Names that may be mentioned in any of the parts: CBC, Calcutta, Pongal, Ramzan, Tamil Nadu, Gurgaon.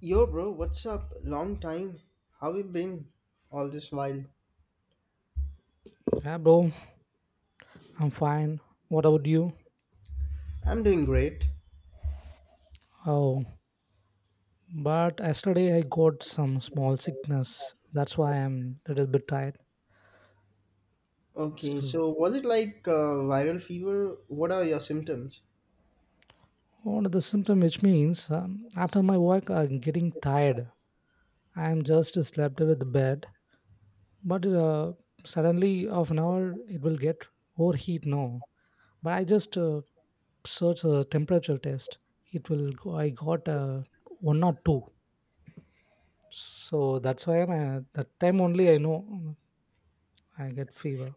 Yo, bro, what's up? Long time. How you been all this while? Yeah, bro, I'm fine. What about you? I'm doing great. Oh, but yesterday I got some small sickness. That's why I'm a little bit tired. Okay, So, so was it like viral fever? What are your symptoms? one of the symptom which means after my work I'm getting tired. I'm just slept with the bed, but suddenly of an hour it will get overheat now. But I just search a temperature test. It will go, I got one or two. So that's why I'm that time only I know I get fever.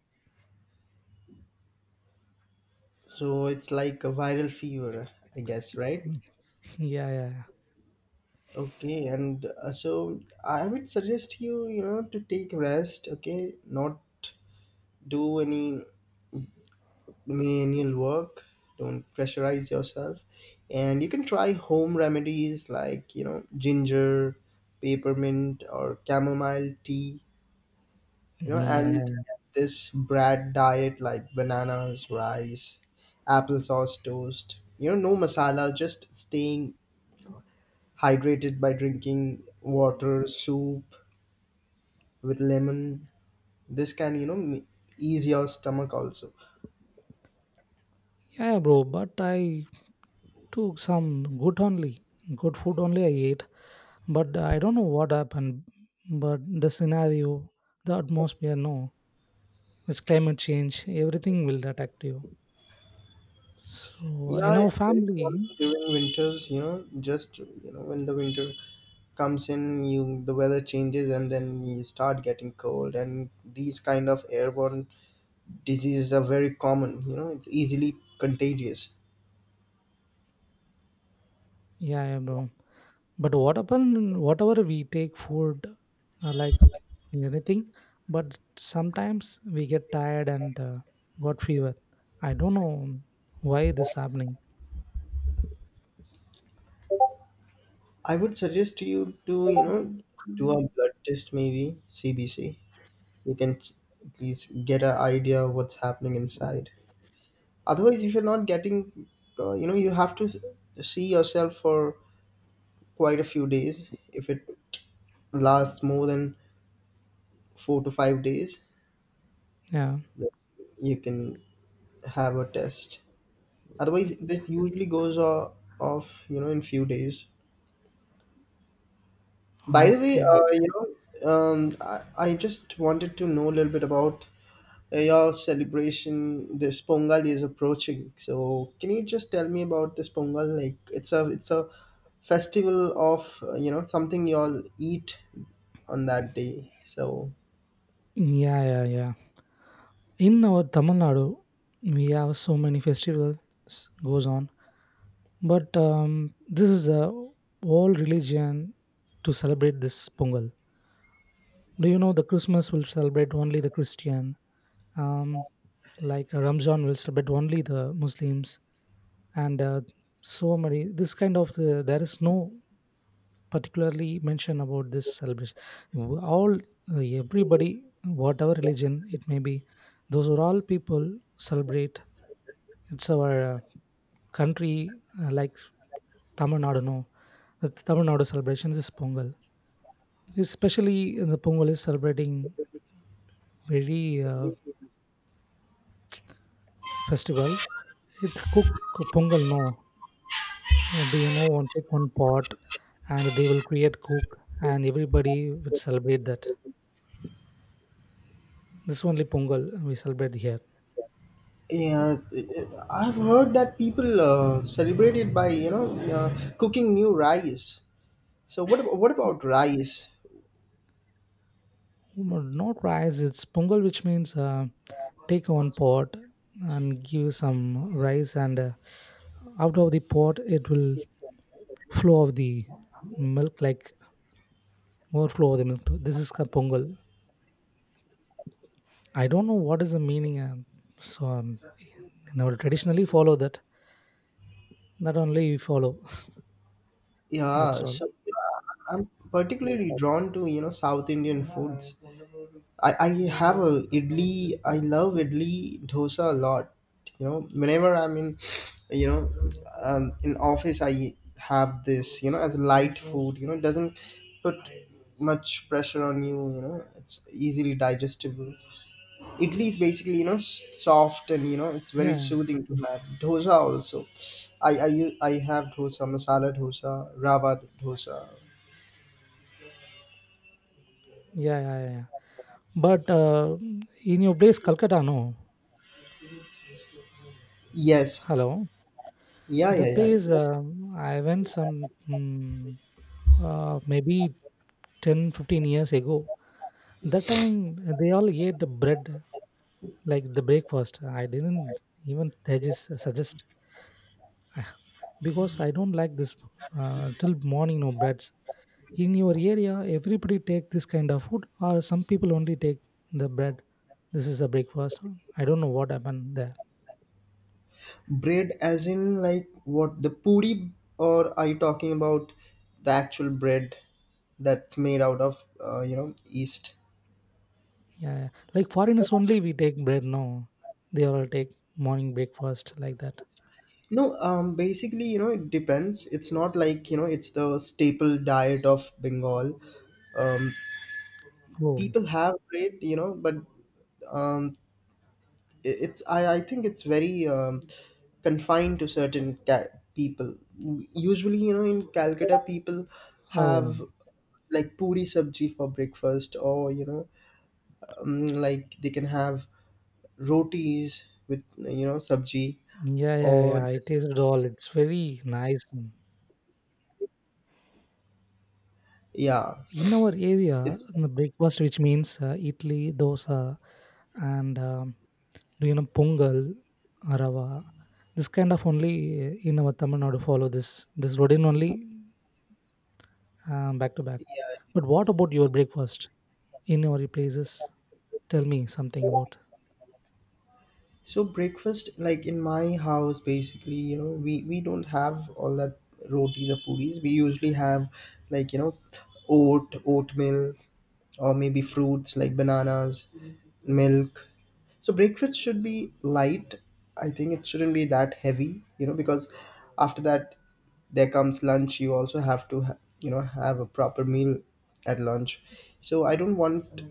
So it's like a viral fever, I guess, right? Yeah, yeah, Okay, and so I would suggest you, you know, to take rest. Okay, not do any manual work, don't pressurize yourself, and you can try home remedies like, you know, ginger, peppermint, or chamomile tea, you know. yeah, And yeah, this bread diet like bananas, rice, applesauce, toast, you know, no masala, just staying hydrated by drinking water, soup with lemon. This can, you know, ease your stomach also. yeah, bro. But I took some good only, good food only I ate. But I don't know what happened. But the scenario, the atmosphere, no, it's climate change. Everything will affect you. So Yeah, in our it's very cold family, during winters, you know, just, you know, when the winter comes in, you the weather changes and then you start getting cold, and these kind of airborne diseases are very common, you know. It's easily contagious. yeah, yeah, bro. But what happened? Whatever we take food, like anything, but sometimes we get tired and got fever. I don't know why this happening. I would suggest to, you know, do a blood test maybe, CBC. You can at least get an idea of what's happening inside. Otherwise, if you're not getting, you know, you have to see yourself for quite a few days. If it lasts more than 4 to 5 days, Yeah. then you can have a test. Otherwise, this usually goes off, you know, in few days. By the way, Okay. You know, I just wanted to know a little bit about your celebration. This Pongal is approaching, so can you just tell me about this Pongal? Like, it's a festival of, you know, something y'all eat on that day. So Yeah, yeah, yeah. In our Tamil Nadu, we have so many festivals goes on, but this is a whole religion to celebrate this Pongal. Do you know the Christmas will celebrate only the Christian, um, like Ramzan will celebrate only the Muslims, and so many this kind of the, there is no particularly mention about this celebration all everybody whatever religion it may be those are all people celebrate it's our country like tamil nadu no the tamil nadu celebrations is pongal especially in the pongal is celebrating very uh, festival it cook pongal no. Oh, do you know, one take one pot and they will create cook and everybody would celebrate that. This only Pongal we celebrate here. yes, I've heard that people celebrate it by, you know, cooking new rice. So what what about rice? Mm, not rice, it's Pongal, which means take one pot and give some rice, and out of the pot it will flow of the milk, like overflow of the milk. This is called Pongal. I don't know what is the meaning, so in our traditionally follow that. Not only we follow. Yeah, That's all. so yeah, I'm particularly drawn to, you know, South Indian foods. I have a idli. I love idli dosa a lot. You know, whenever I'm in, you know, in office, I have this. You know, as a light food. You know, it doesn't put much pressure on you. You know, it's easily digestible. Idli is basically, you know, soft, and you know it's very Yeah, soothing to have. Dosa also. I have dosa, masala dosa, rava dosa. yeah, yeah, yeah, yeah. But in your place, Calcutta, no. Yes. Hello. Yeah, The yeah, place yeah. I went some maybe 10-15 years ago. That time they all ate the bread like the breakfast. I didn't even suggest, because I don't like this till morning no breads. In your area, everybody take this kind of food, or some people only take the bread. This is a breakfast. I don't know what happened there. Bread as in like what, the puri, or are you talking about the actual bread that's made out of, you know, yeast? Yeah, yeah. Like foreigners only we take bread. No, they all take morning breakfast like that. No, basically, you know, it depends. It's not like, you know, it's the staple diet of Bengal. Um Oh, people have bread, you know, but um I think it's very confined to certain people. Usually, you know, in Calcutta people oh, have like puri sabji for breakfast, or you know, like they can have rotis with, you know, sabji, yeah, yeah, or yeah. I just tasted all. It's very nice. yeah In our area, it's in the breakfast, which means idli, dosa, and do you know pongal, rava. This kind of only in our Tamil Nadu follow this routine only back to back. But what about your breakfast in your places? Tell me something about. so. Breakfast, like in my house, basically, you know, we don't have all that rotis or puris. We usually have, like, you know, oat oatmeal, or maybe fruits like bananas, milk. So breakfast should be light. I think it shouldn't be that heavy, you know, because after that there comes lunch. You also have to, you know, have a proper meal at lunch. So I don't want,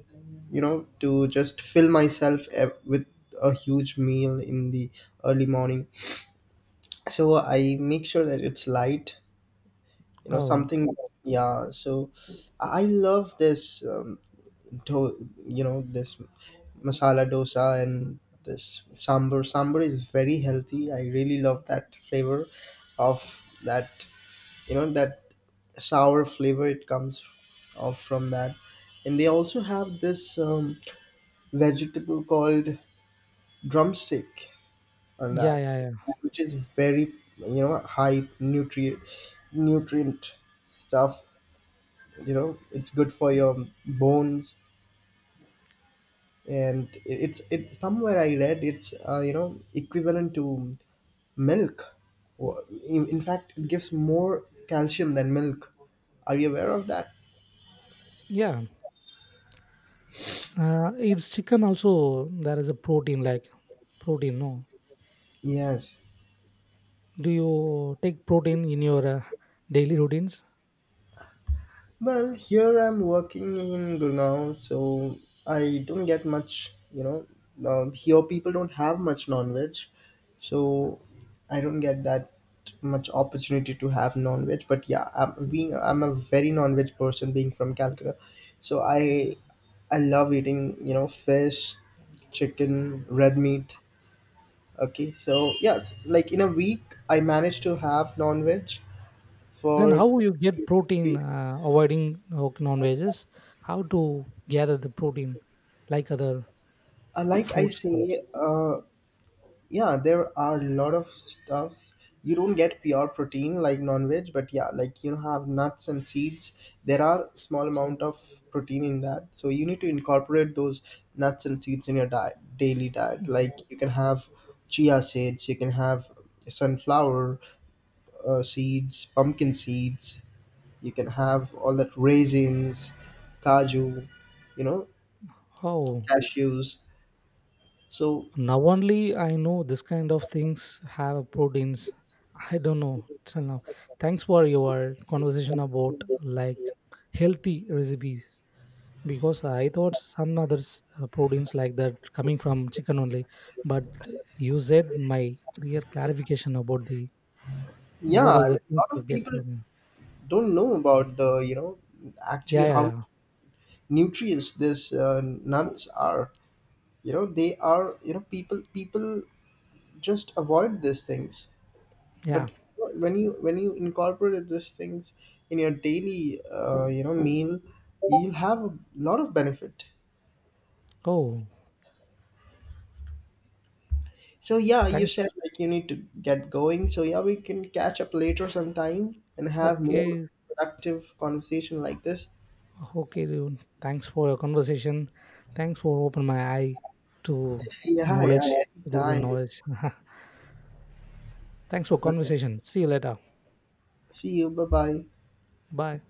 you know, to just fill myself with a huge meal in the early morning. So I make sure that it's light, you know, Oh, something. Yeah, so I love this, do, you know this masala dosa, and this sambar is very healthy. I really love that flavor of that, you know, that sour flavor it comes off from that. And they also have this, vegetable called drumstick on yeah, that, yeah, yeah, which is very, you know, high nutrient stuff, you know. It's good for your bones, and it's it somewhere I read it's, you know, equivalent to milk. Or in fact it gives more calcium than milk. Are you aware of that? yeah. It's chicken also. There is a protein, no. Yes. Do you take protein in your daily routines? Well, here I'm working in Gurgaon, so I don't get much, you know. Here people don't have much non-veg, so I don't get that much opportunity to have non-veg. But yeah, I'm a very non-veg person, being from Calcutta, so I love eating, you know, fish, chicken, red meat. Okay, so yes, like in a week, I managed to have non-veg Then for how you get protein avoiding non-veggies? How to gather the protein, like other like I fruits? say, yeah, there are a lot of stuffs. You don't get pure protein like non-veg, but yeah, like you have nuts and seeds. There are small amount of protein in that, so you need to incorporate those nuts and seeds in your diet, daily diet. Like you can have chia seeds, you can have sunflower, seeds, pumpkin seeds. You can have all that raisins, kaju, you know, Oh, cashews. So now only I know this kind of things have proteins. I don't know till now. Thanks for your conversation about, like, healthy recipes, because I thought some other proteins like that coming from chicken only. But you said my clear clarification about the what yeah, are I the mean, a things lot to of get people from. don't know about the, you know, actually Yeah, yeah, how yeah, nutrients this, nuts are, you know. They are, you know, people just avoid these things, yeah. but when you incorporate these things in your daily, you know, meal, you'll have a lot of benefit. Oh, So yeah, you said thanks. like you need to get going, so yeah, we can catch up later sometime and have more Okay, productive conversation like this. okay, dude. Thanks for your conversation. Thanks for open my eye to Yeah, knowledge, yeah, little anytime. knowledge. Thanks for So conversation. See you later. see you, bye bye. Bye.